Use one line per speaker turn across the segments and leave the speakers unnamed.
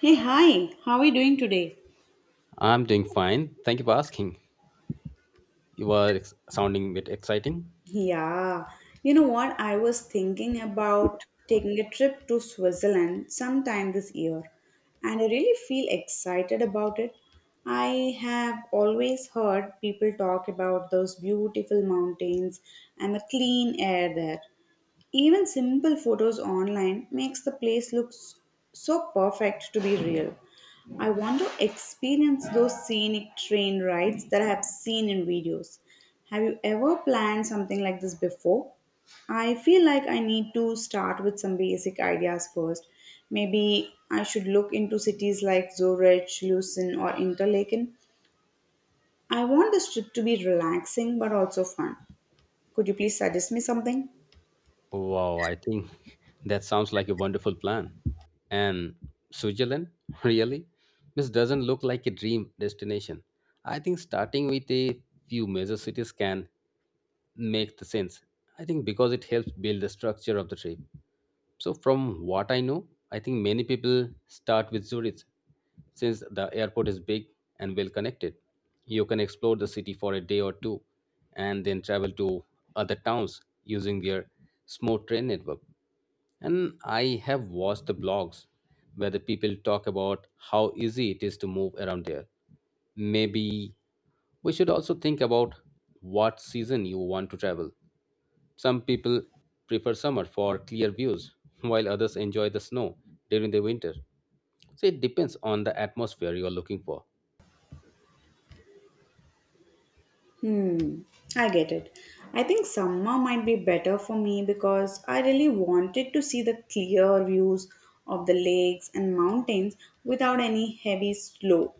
Hey, hi, how are you doing today?
I'm doing fine. Thank you for asking. You are sounding bit exciting.
Yeah, you know what? I was thinking about taking a trip to Switzerland sometime this year, and I really feel excited about it. I have always heard people talk about those beautiful mountains and the clean air there. Even simple photos online makes the place look so perfect to be real. I want to experience those scenic train rides that I have seen in videos. Have you ever planned something like this before? I feel like I need to start with some basic ideas first. Maybe I should look into cities like Zurich, Lucerne, or Interlaken. I want this trip to be relaxing but also fun. Could you please suggest me something?
Wow, I think that sounds like a wonderful plan. And Switzerland, really? This doesn't look like a dream destination. I think starting with a few major cities can make the sense. I think because it helps build the structure of the trip. So from what I know, I think many people start with Zurich since the airport is big and well connected. You can explore the city for a day or two and then travel to other towns using their small train network. And I have watched the blogs where the people talk about how easy it is to move around there. Maybe we should also think about what season you want to travel. Some people prefer summer for clear views, while others enjoy the snow during the winter. So it depends on the atmosphere you are looking for.
Hmm, I get it. I think summer might be better for me because I really wanted to see the clear views of the lakes and mountains without any heavy snow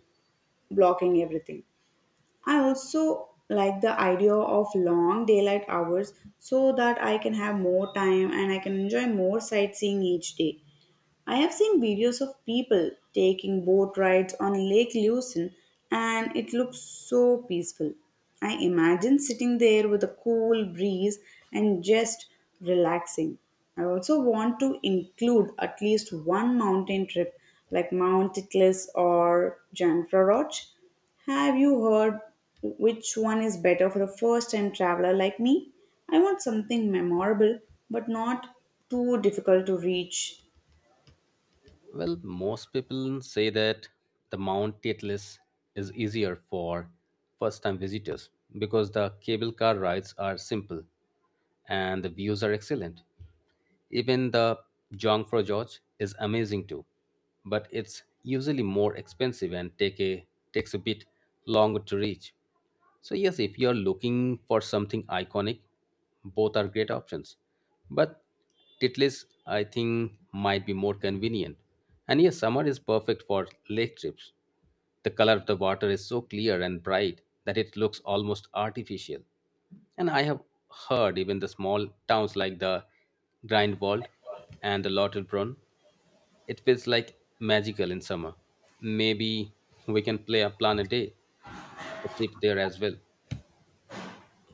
blocking everything. I also like the idea of long daylight hours so that I can have more time and I can enjoy more sightseeing each day. I have seen videos of people taking boat rides on Lake Lucerne and it looks so peaceful. I imagine sitting there with a cool breeze and just relaxing. I also want to include at least one mountain trip like Mount Titlis or Janfra Roch. Have you heard which one is better for a first time traveler like me? I want something memorable but not too difficult to reach.
Well, most people say that the Mount Atlas is easier for first time visitors because the cable car rides are simple and the views are excellent. Even the junk for George is amazing too, but it's usually more expensive and takes a bit longer to reach. So yes, if you're looking for something iconic, both are great options. But Titlis, I think, might be more convenient. And yes, summer is perfect for lake trips. The color of the water is so clear and bright that it looks almost artificial. And I have heard even the small towns like the Grindwald and the Lauterbrunn, it feels like magical in summer. Maybe we can play a plan a day, a trip there as well.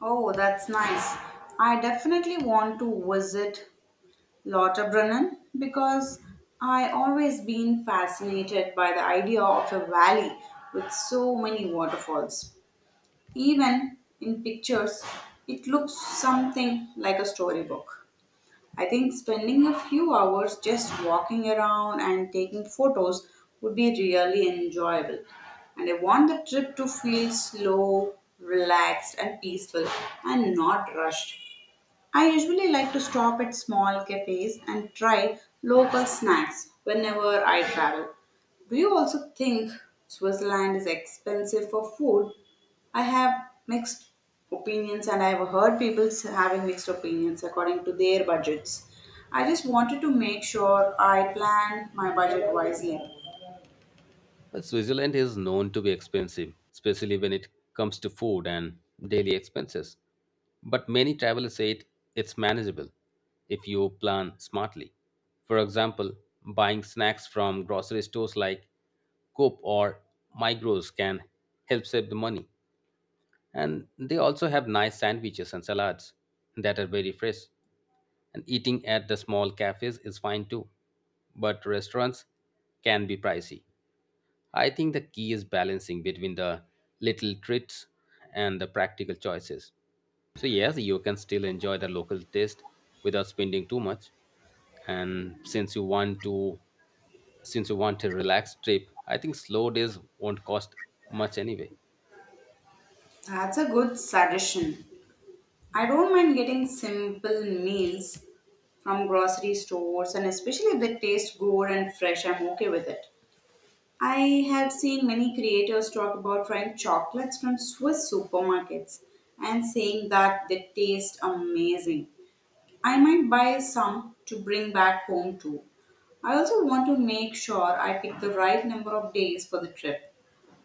Oh, that's nice. I definitely want to visit Lauterbrunnen because I always been fascinated by the idea of a valley with so many waterfalls. Even in pictures, it looks something like a storybook. I think spending a few hours just walking around and taking photos would be really enjoyable. And I want the trip to feel slow, relaxed, and peaceful and not rushed. I usually like to stop at small cafes and try local snacks whenever I travel. Do you also think Switzerland is expensive for food? I have mixed opinions and I have heard people having mixed opinions according to their budgets. I just wanted to make sure I plan my budget wisely.
Well, Switzerland is known to be expensive, especially when it comes to food and daily expenses. But many travelers it's manageable if you plan smartly. For example, buying snacks from grocery stores like Coop or Migros can help save the money. And they also have nice sandwiches and salads that are very fresh. And eating at the small cafes is fine too, but restaurants can be pricey. I think the key is balancing between the little treats and the practical choices. So, yes, you can still enjoy the local taste without spending too much. And since you want a relaxed trip, I think slow days won't cost much anyway.
That's a good suggestion. I don't mind getting simple meals from grocery stores and especially if they taste good and fresh, I'm okay with it. I have seen many creators talk about trying chocolates from Swiss supermarkets and saying that they taste amazing. I might buy some to bring back home too. I also want to make sure I pick the right number of days for the trip.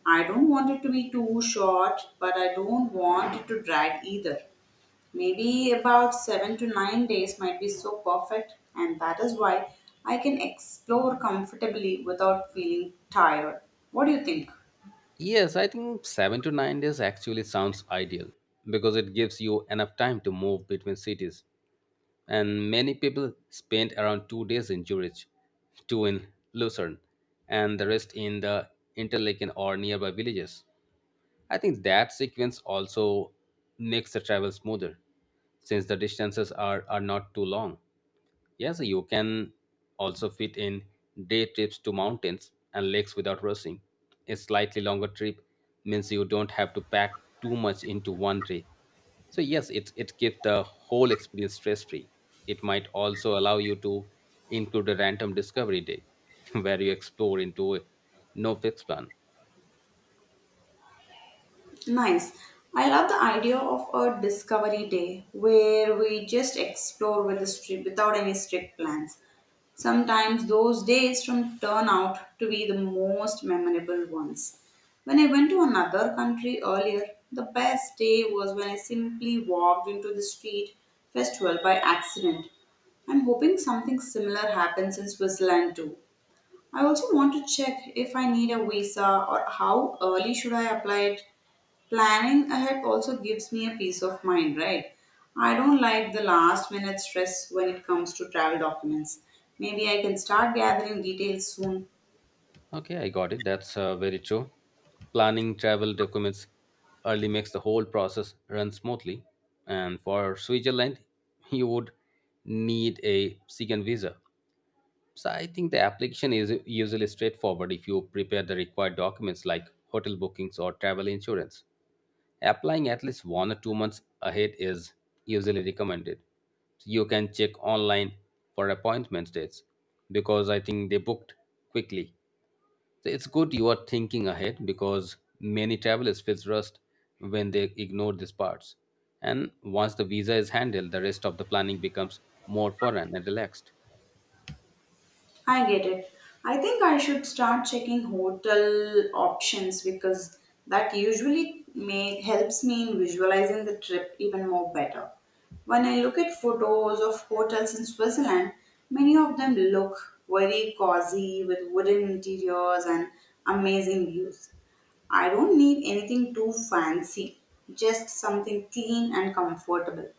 I don't want it to be too short, but I don't want it to drag either. Maybe about 7 to 9 days might be so perfect, and that is why I can explore comfortably without feeling tired. What do you think?
Yes, I think 7 to 9 days actually sounds ideal because it gives you enough time to move between cities and many people spent around 2 days in Zurich, two in Lucerne, and the rest in the Interlaken or nearby villages. I think that sequence also makes the travel smoother, since the distances are not too long. Yes, you can also fit in day trips to mountains and lakes without rushing. A slightly longer trip means you don't have to pack too much into one day. So yes, it keeps the whole experience stress free. It might also allow you to include a random discovery day where you explore into no fixed plan.
Nice. I love the idea of a discovery day where we just explore without any strict plans. Sometimes those days from turn out to be the most memorable ones. When I went to another country earlier, the best day was when I simply walked into the street festival by accident. I'm hoping something similar happens in Switzerland too. I also want to check if I need a visa or how early should I apply it. Planning ahead also gives me a peace of mind, right? I don't like the last minute stress when it comes to travel documents. Maybe I can start gathering details soon.
Okay, I got it. That's very true. Planning travel documents early makes the whole process run smoothly. And for Switzerland, you would need a second visa. So I think the application is usually straightforward if you prepare the required documents like hotel bookings or travel insurance. Applying at least 1 or 2 months ahead is usually recommended. So, you can check online for appointment dates because I think they booked quickly so it's good you are thinking ahead because many travelers feel rushed when they ignore these parts. And once the visa is handled, the rest of the planning becomes more foreign and relaxed.
I get it. I think I should start checking hotel options because that usually helps me in visualizing the trip even more better. When I look at photos of hotels in Switzerland, many of them look very cozy with wooden interiors and amazing views. I don't need anything too fancy, just something clean and comfortable.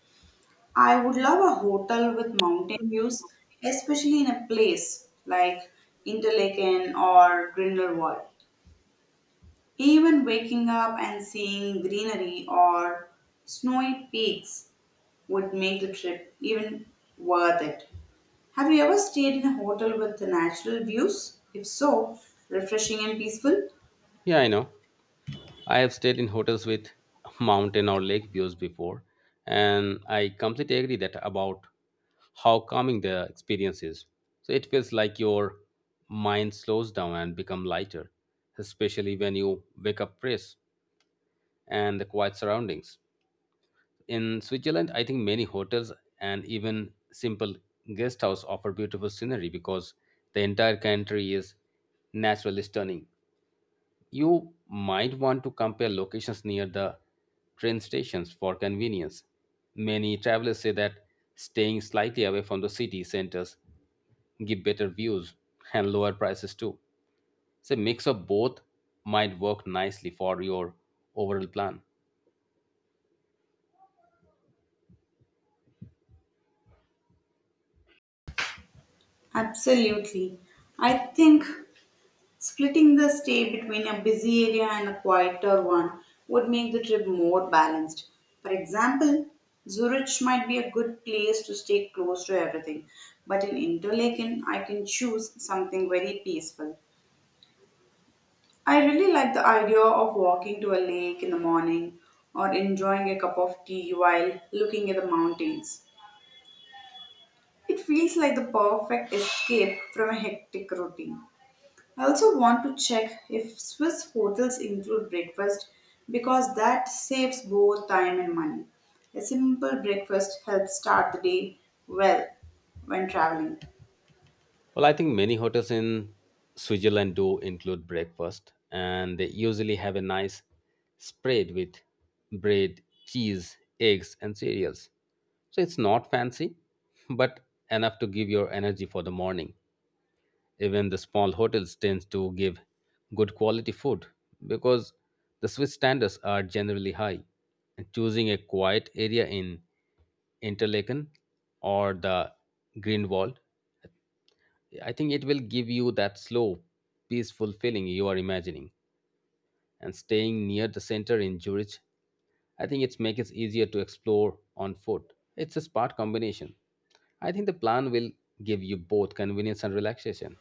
I would love a hotel with mountain views, especially in a place like Interlaken or Grindelwald. Even waking up and seeing greenery or snowy peaks would make the trip even worth it. Have you ever stayed in a hotel with the natural views? If so, refreshing and peaceful?
Yeah, I know. I have stayed in hotels with mountain or lake views before, and I completely agree that about how calming the experience is. So it feels like your mind slows down and become lighter, especially when you wake up fresh and the quiet surroundings. In Switzerland, I think many hotels and even simple guest house offer beautiful scenery because the entire country is naturally stunning. You might want to compare locations near the train stations for convenience. Many travelers say that staying slightly away from the city centers give better views and lower prices too. So a mix of both might work nicely for your overall plan.
Absolutely. I think splitting the stay between a busy area and a quieter one would make the trip more balanced. For example, Zurich might be a good place to stay close to everything, but in Interlaken, I can choose something very peaceful. I really like the idea of walking to a lake in the morning or enjoying a cup of tea while looking at the mountains. It feels like the perfect escape from a hectic routine. I also want to check if Swiss hotels include breakfast because that saves both time and money. A simple breakfast helps start the day well when traveling.
Well, I think many hotels in Switzerland do include breakfast, and they usually have a nice spread with bread, cheese, eggs, and cereals. So it's not fancy, but enough to give your energy for the morning. Even the small hotels tend to give good quality food because the Swiss standards are generally high. And choosing a quiet area in Interlaken or the Greenwald I think it will give you that slow, peaceful feeling you are imagining. And staying near the center in Zurich, I think it makes it easier to explore on foot. It's a smart combination. I think the plan will give you both convenience and relaxation.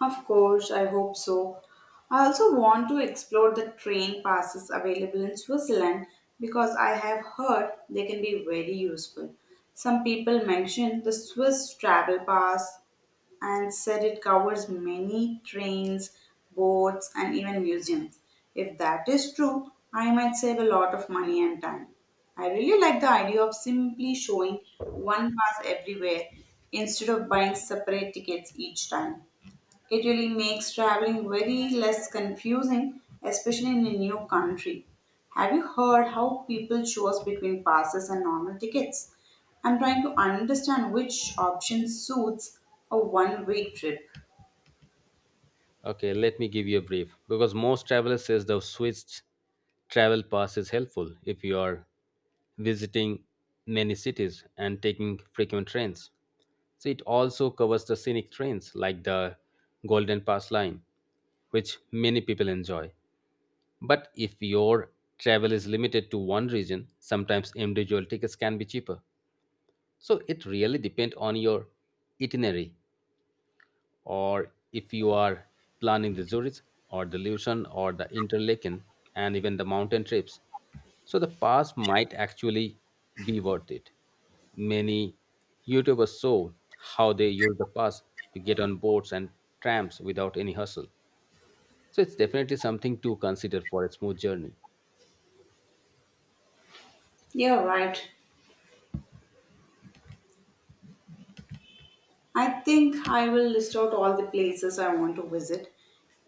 Of course, I hope so. I also want to explore the train passes available in Switzerland because I have heard they can be very useful. Some people mentioned the Swiss travel pass and said it covers many trains, boats, and even museums. If that is true, I might save a lot of money and time. I really like the idea of simply showing one pass everywhere instead of buying separate tickets each time. It really makes traveling very less confusing, especially in a new country. Have you heard how people choose between passes and normal tickets? I'm trying to understand which option suits a one way trip.
Okay, let me give you a brief because most travelers says the Swiss travel pass is helpful if you are visiting many cities and taking frequent trains. So it also covers the scenic trains like the Golden Pass line, which many people enjoy. But if your travel is limited to one region, sometimes individual tickets can be cheaper. So it really depends on your itinerary or if you are planning the Zurich or the Lucerne or the Interlaken and even the mountain trips. So the pass might actually be worth it. Many YouTubers show how they use the pass to get on boats and trams without any hustle. So it's definitely something to consider for a smooth journey.
Yeah, right. I think I will list out all the places I want to visit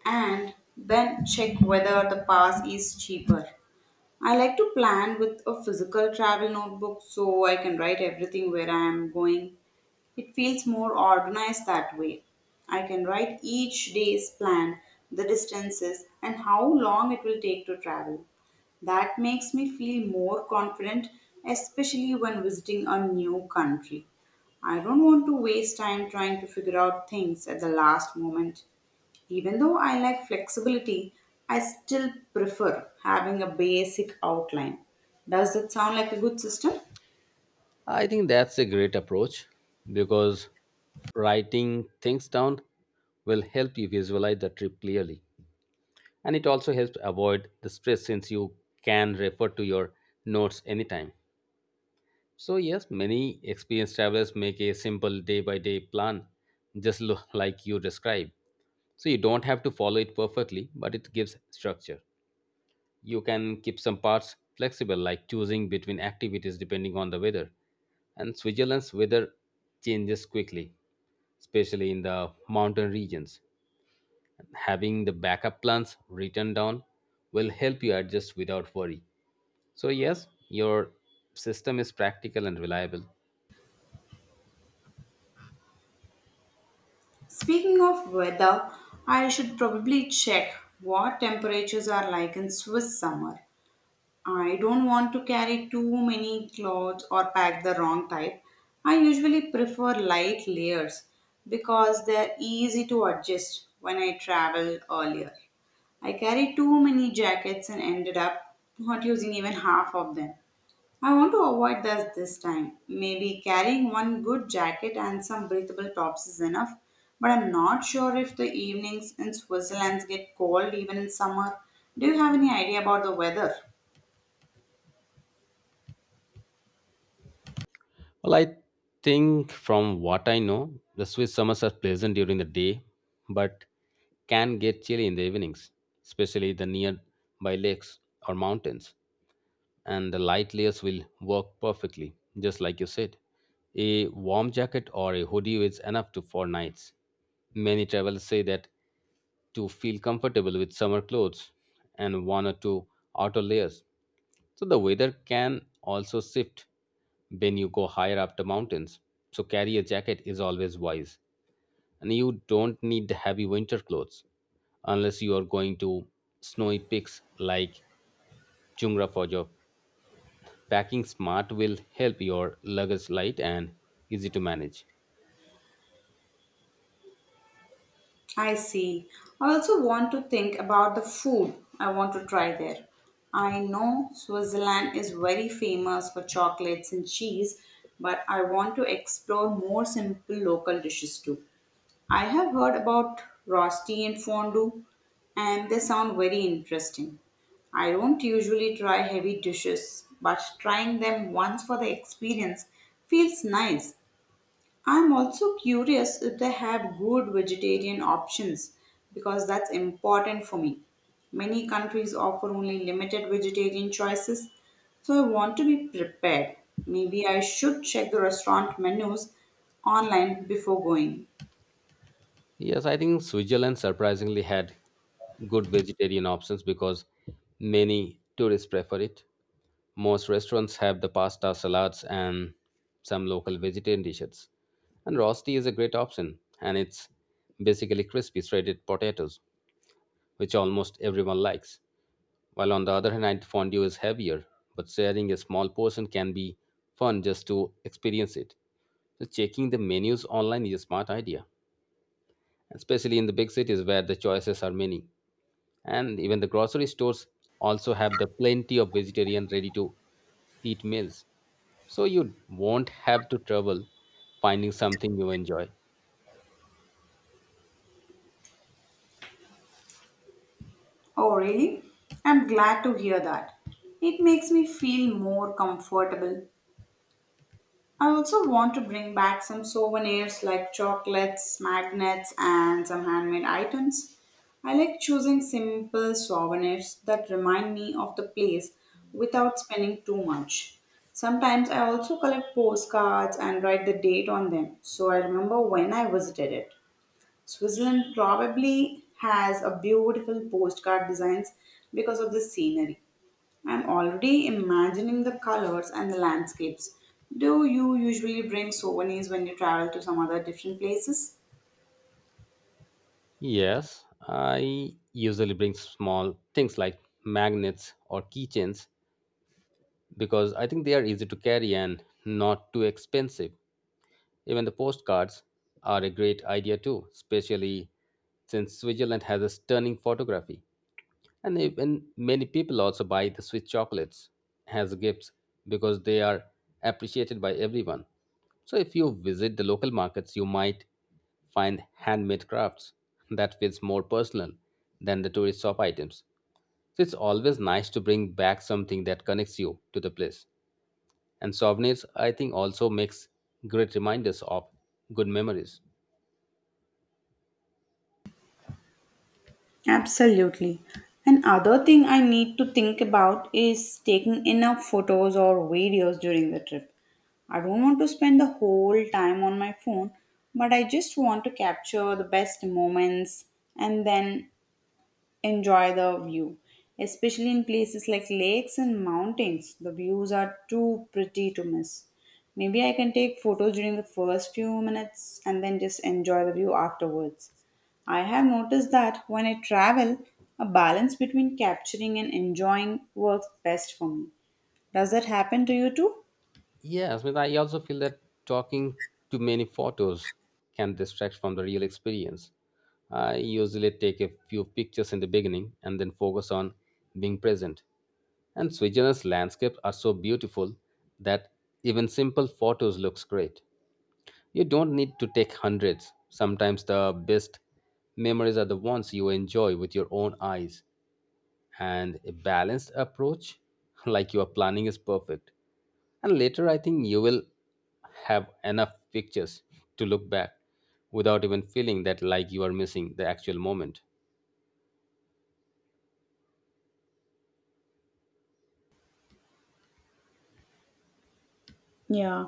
and then check whether the pass is cheaper. I like to plan with a physical travel notebook so I can write everything where I am going. It feels more organized that way. I can write each day's plan, the distances, and how long it will take to travel. That makes me feel more confident, especially when visiting a new country. I don't want to waste time trying to figure out things at the last moment. Even though I like flexibility, I still prefer having a basic outline. Does that sound like a good system?
I think that's a great approach because writing things down will help you visualize the trip clearly and it also helps avoid the stress since you can refer to your notes anytime. So yes, many experienced travelers make a simple day by day plan just like you described, so you don't have to follow it perfectly, but it gives structure. You can keep some parts flexible like choosing between activities depending on the weather, and Switzerland's weather changes quickly, especially in the mountain regions. Having the backup plans written down will help you adjust without worry. So, yes, your system is practical and reliable.
Speaking of weather, I should probably check what temperatures are like in Swiss summer. I don't want to carry too many clothes or pack the wrong type. I usually prefer light layers because they're easy to adjust when I travel earlier. I carried too many jackets and ended up not using even half of them. I want to avoid that this time. Maybe carrying one good jacket and some breathable tops is enough, but I'm not sure if the evenings in Switzerland get cold even in summer. Do you have any idea about the weather?
Well, I think from what I know, the Swiss summers are pleasant during the day, but can get chilly in the evenings, especially the nearby lakes or mountains. And the light layers will work perfectly, just like you said. A warm jacket or a hoodie is enough to for nights. Many travelers say that to feel comfortable with summer clothes and one or two outer layers. So the weather can also shift when you go higher up the mountains. So carry a jacket is always wise. And you don't need heavy winter clothes unless you are going to snowy peaks like Chungra for job. Packing smart will help your luggage light and easy to manage.
I see. I also want to think about the food I want to try there. I know Switzerland is very famous for chocolates and cheese, but I want to explore more simple local dishes too. I have heard about rosti and fondue, and they sound very interesting. I don't usually try heavy dishes, but trying them once for the experience feels nice. I'm also curious if they have good vegetarian options because that's important for me. Many countries offer only limited vegetarian choices, so I want to be prepared. Maybe I should check the restaurant menus online before going.
Yes, I think Switzerland surprisingly had good vegetarian options because many tourists prefer it. Most restaurants have the pasta, salads, and some local vegetarian dishes. And rosti is a great option, and it's basically crispy shredded potatoes, which almost everyone likes. While on the other hand, fondue is heavier, but sharing a small portion can be fun just to experience it. So checking the menus online is a smart idea especially in the big cities where the choices are many. And even the grocery stores also have the plenty of vegetarian ready to eat meals. So you won't have to trouble finding something you enjoy.
Oh, really? I'm glad to hear that. It makes me feel more comfortable. I also want to bring back some souvenirs like chocolates, magnets, and some handmade items. I like choosing simple souvenirs that remind me of the place without spending too much. Sometimes I also collect postcards and write the date on them so I remember when I visited it. Switzerland probably has a beautiful postcard designs because of the scenery. I'm already imagining the colors and the landscapes. Do you usually bring souvenirs when you travel to some other different places?
Yes, I usually bring small things like magnets or keychains because I think they are easy to carry and not too expensive. Even the postcards are a great idea too, especially since Switzerland has a stunning photography. And even many people also buy the sweet chocolates as gifts because they are appreciated by everyone. So if you visit the local markets, you might find handmade crafts that feels more personal than the tourist shop items. So it's always nice to bring back something that connects you to the place. And souvenirs, I think, also makes great reminders of good memories.
Absolutely. Another thing I need to think about is taking enough photos or videos during the trip. I don't want to spend the whole time on my phone, but I just want to capture the best moments and then enjoy the view. Especially in places like lakes and mountains, the views are too pretty to miss. Maybe I can take photos during the first few minutes and then just enjoy the view afterwards. I have noticed that when I travel, a balance between capturing and enjoying works best for me. Does that happen to you too?
Yes, but I also feel that talking to many photos can distract from the real experience. I usually take a few pictures in the beginning and then focus on being present. And Switzerland's landscapes are so beautiful that even simple photos looks great. You don't need to take hundreds. Sometimes the best memories are the ones you enjoy with your own eyes and a balanced approach like your planning is perfect and later I think you will have enough pictures to look back without even feeling that like you are missing the actual moment.
Yeah,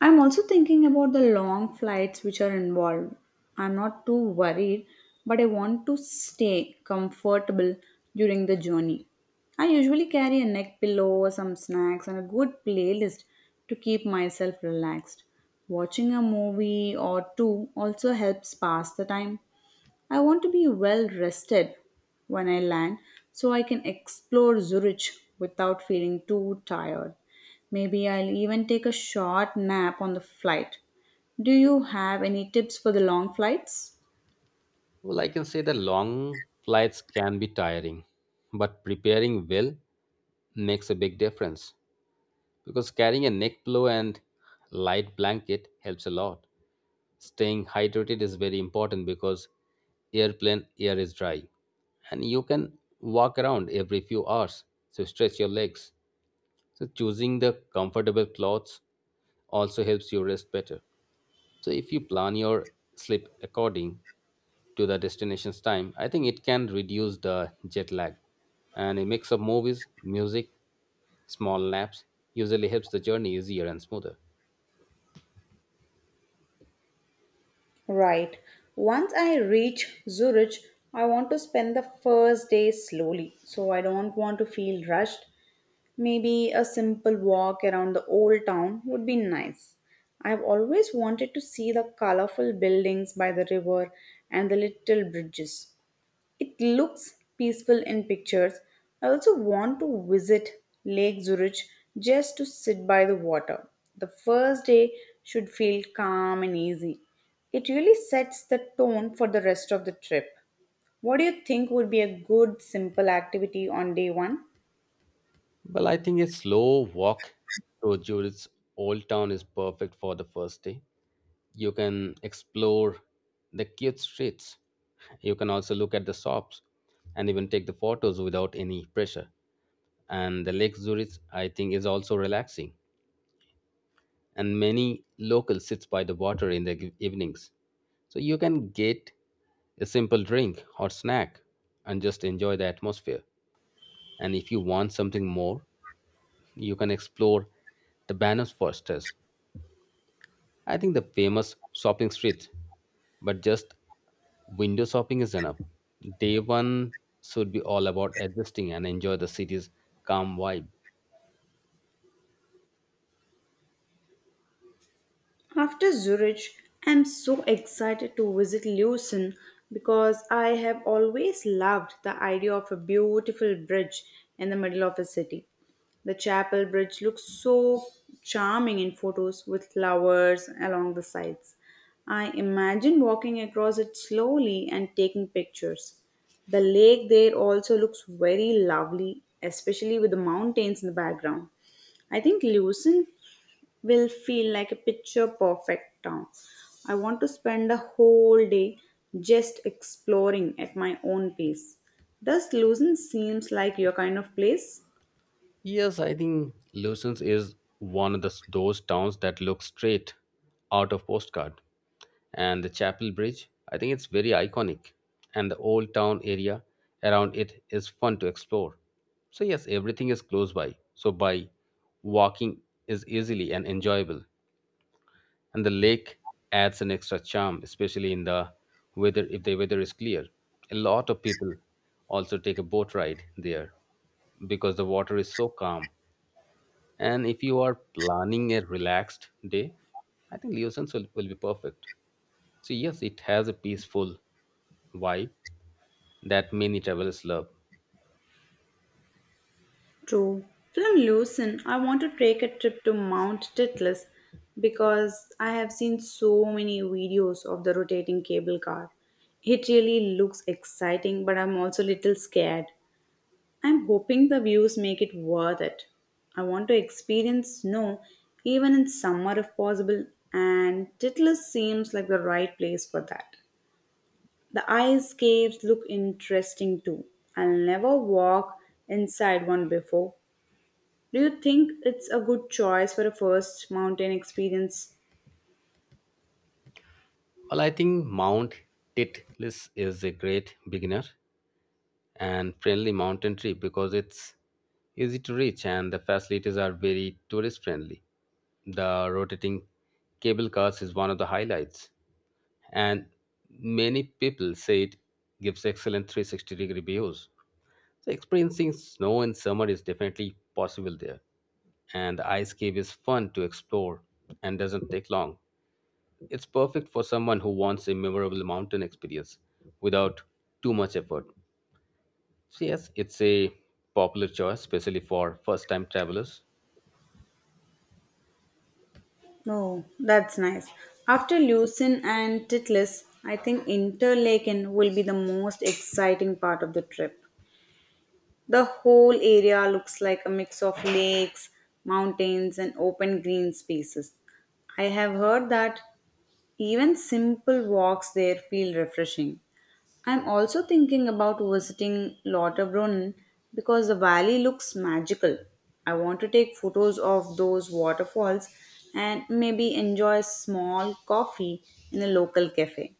I'm also thinking about the long flights which are involved. I'm not too worried, but I want to stay comfortable during the journey. I usually carry a neck pillow, some snacks, and a good playlist to keep myself relaxed. Watching a movie or two also helps pass the time. I want to be well rested when I land so I can explore Zurich without feeling too tired. Maybe I'll even take a short nap on the flight. Do you have any tips for the long flights?
Well, I can say that long flights can be tiring, but preparing well makes a big difference because carrying a neck pillow and light blanket helps a lot. Staying hydrated is very important because airplane air is dry and you can walk around every few hours, so stretch your legs. So choosing the comfortable clothes also helps you rest better. So if you plan your sleep according to the destination's time, I think it can reduce the jet lag. And a mix of movies, music, small naps usually helps the journey easier and smoother.
Right. Once I reach Zurich, I want to spend the first day slowly, so I don't want to feel rushed. Maybe a simple walk around the old town would be nice. I've always wanted to see the colorful buildings by the river and the little bridges. It looks peaceful in pictures. I also want to visit Lake Zurich just to sit by the water. The first day should feel calm and easy. It really sets the tone for the rest of the trip. What do you think would be a good simple activity on day one?
Well, I think a slow walk through Zurich's old town is perfect for the first day. You can explore the cute streets. You can also look at the shops and even take the photos without any pressure. And the Lake Zurich, I think, is also relaxing, and many locals sits by the water in the evenings, so you can get a simple drink or snack and just enjoy the atmosphere. And if you want something more, you can explore the bananas, I think the famous shopping street, but just window shopping is enough. Day one should be all about adjusting and enjoy the city's calm vibe.
After Zurich, I'm so excited to visit Lucerne because I have always loved the idea of a beautiful bridge in the middle of a city. The chapel bridge looks so charming in photos with flowers along the sides. I imagine walking across it slowly and taking pictures. The lake there also looks very lovely, especially with the mountains in the background. I think Lucerne will feel like a picture perfect town. I want to spend a whole day just exploring at my own pace. Does Lucerne seems like your kind of place?
Yes, I think Lucens is one of the, those towns that look straight out of postcard. And the Chapel Bridge, I think it's very iconic. And the old town area around it is fun to explore. So, yes, everything is close by. So, by walking is easily and enjoyable. And the lake adds an extra charm, especially in the weather, if the weather is clear. A lot of people also take a boat ride there because the water is so calm, and if you are planning a relaxed day, I think Leosens will be perfect. So, yes, it has a peaceful vibe that many travelers love.
True. From Lucerne, I want to take a trip to Mount Titlis because I have seen so many videos of the rotating cable car. It really looks exciting, but I'm also a little scared. I'm hoping the views make it worth it. I want to experience snow even in summer if possible, and Titlis seems like the right place for that. The ice caves look interesting too. I'll never walk inside one before. Do you think it's a good choice for a first mountain experience?
Well, I think Mount Titlis is a great beginner and friendly mountain trip because it's easy to reach and the facilities are very tourist friendly. The rotating cable cars is one of the highlights, and many people say it gives excellent 360-degree degree views. So experiencing snow in summer is definitely possible there, and the ice cave is fun to explore and doesn't take long. It's perfect for someone who wants a memorable mountain experience without too much effort. So yes, it's a popular choice, especially for first-time travelers.
Oh, that's nice. After Lucin and Titlis, I think Interlaken will be the most exciting part of the trip. The whole area looks like a mix of lakes, mountains, and open green spaces. I have heard that even simple walks there feel refreshing. I'm also thinking about visiting Lauterbrunnen because the valley looks magical. I want to take photos of those waterfalls and maybe enjoy a small coffee in a local cafe.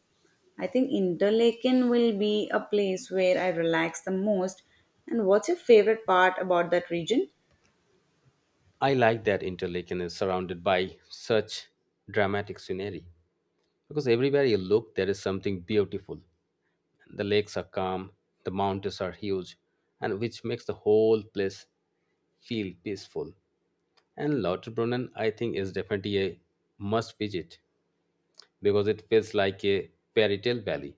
I think Interlaken will be a place where I relax the most. And what's your favorite part about that region?
I like that Interlaken is surrounded by such dramatic scenery, because everywhere you look, there is something beautiful. The lakes are calm, the mountains are huge, and which makes the whole place feel peaceful. And Lauterbrunnen, I think, is definitely a must visit, because it feels like a fairy tale valley,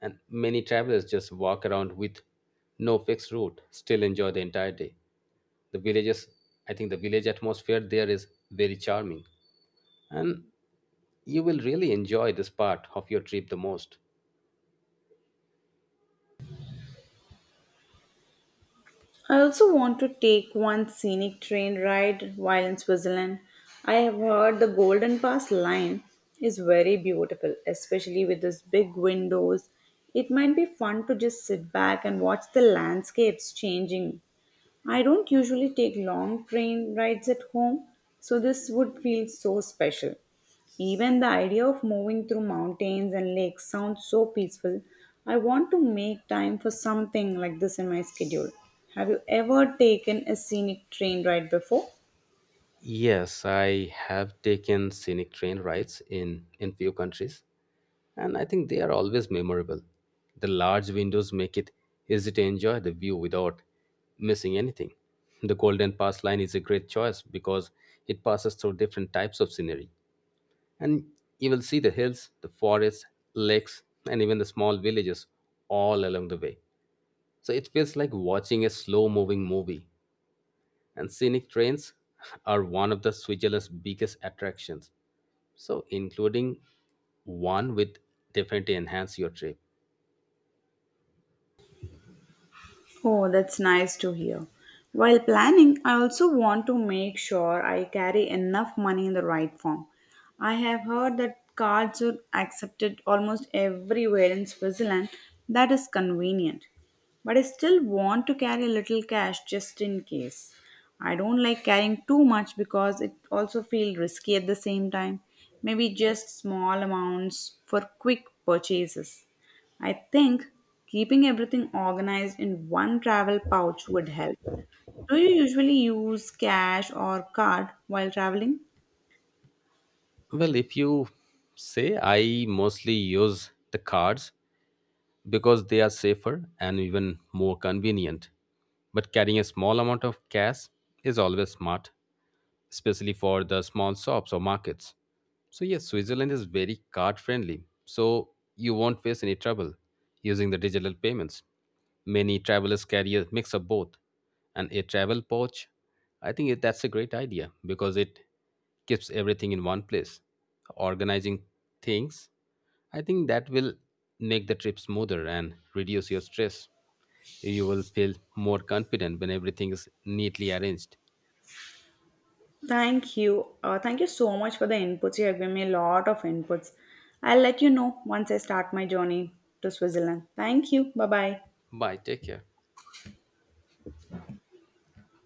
and many travelers just walk around with no fixed route, still enjoy the entire day. The villages, I think, the village atmosphere there is very charming, and you will really enjoy this part of your trip the most.
I also want to take one scenic train ride while in Switzerland. I have heard the Golden Pass line is very beautiful, especially with those big windows. It might be fun to just sit back and watch the landscapes changing. I don't usually take long train rides at home, so this would feel so special. Even the idea of moving through mountains and lakes sounds so peaceful. I want to make time for something like this in my schedule. Have you ever taken a scenic train ride before?
Yes, I have taken scenic train rides in few countries, and I think they are always memorable. The large windows make it easy to enjoy the view without missing anything. The Golden Pass line is a great choice because it passes through different types of scenery, and you will see the hills, the forests, lakes, and even the small villages all along the way. So it feels like watching a slow-moving movie, and scenic trains are one of the Switzerland's biggest attractions. So, including one would definitely enhance your trip.
Oh, that's nice to hear. While planning, I also want to make sure I carry enough money in the right form. I have heard that cards are accepted almost everywhere in Switzerland. That is convenient. But I still want to carry a little cash just in case. I don't like carrying too much because it also feels risky at the same time. Maybe just small amounts for quick purchases. I think keeping everything organized in one travel pouch would help. Do you usually use cash or card while traveling?
Well, if you say, I mostly use the cards because they are safer and even more convenient. But carrying a small amount of cash is always smart, especially for the small shops or markets. So, yes, Switzerland is very card friendly, so you won't face any trouble using the digital payments. Many travelers carry a mix of both, and a travel pouch, that's a great idea because it keeps everything in one place. Organizing things, I think that will make the trip smoother and reduce your stress. You will feel more confident when everything is neatly arranged.
Thank you. Thank you so much for the inputs. You have given me a lot of inputs. I'll let you know once I start my journey to Switzerland. Thank you. Bye bye.
Bye, take care.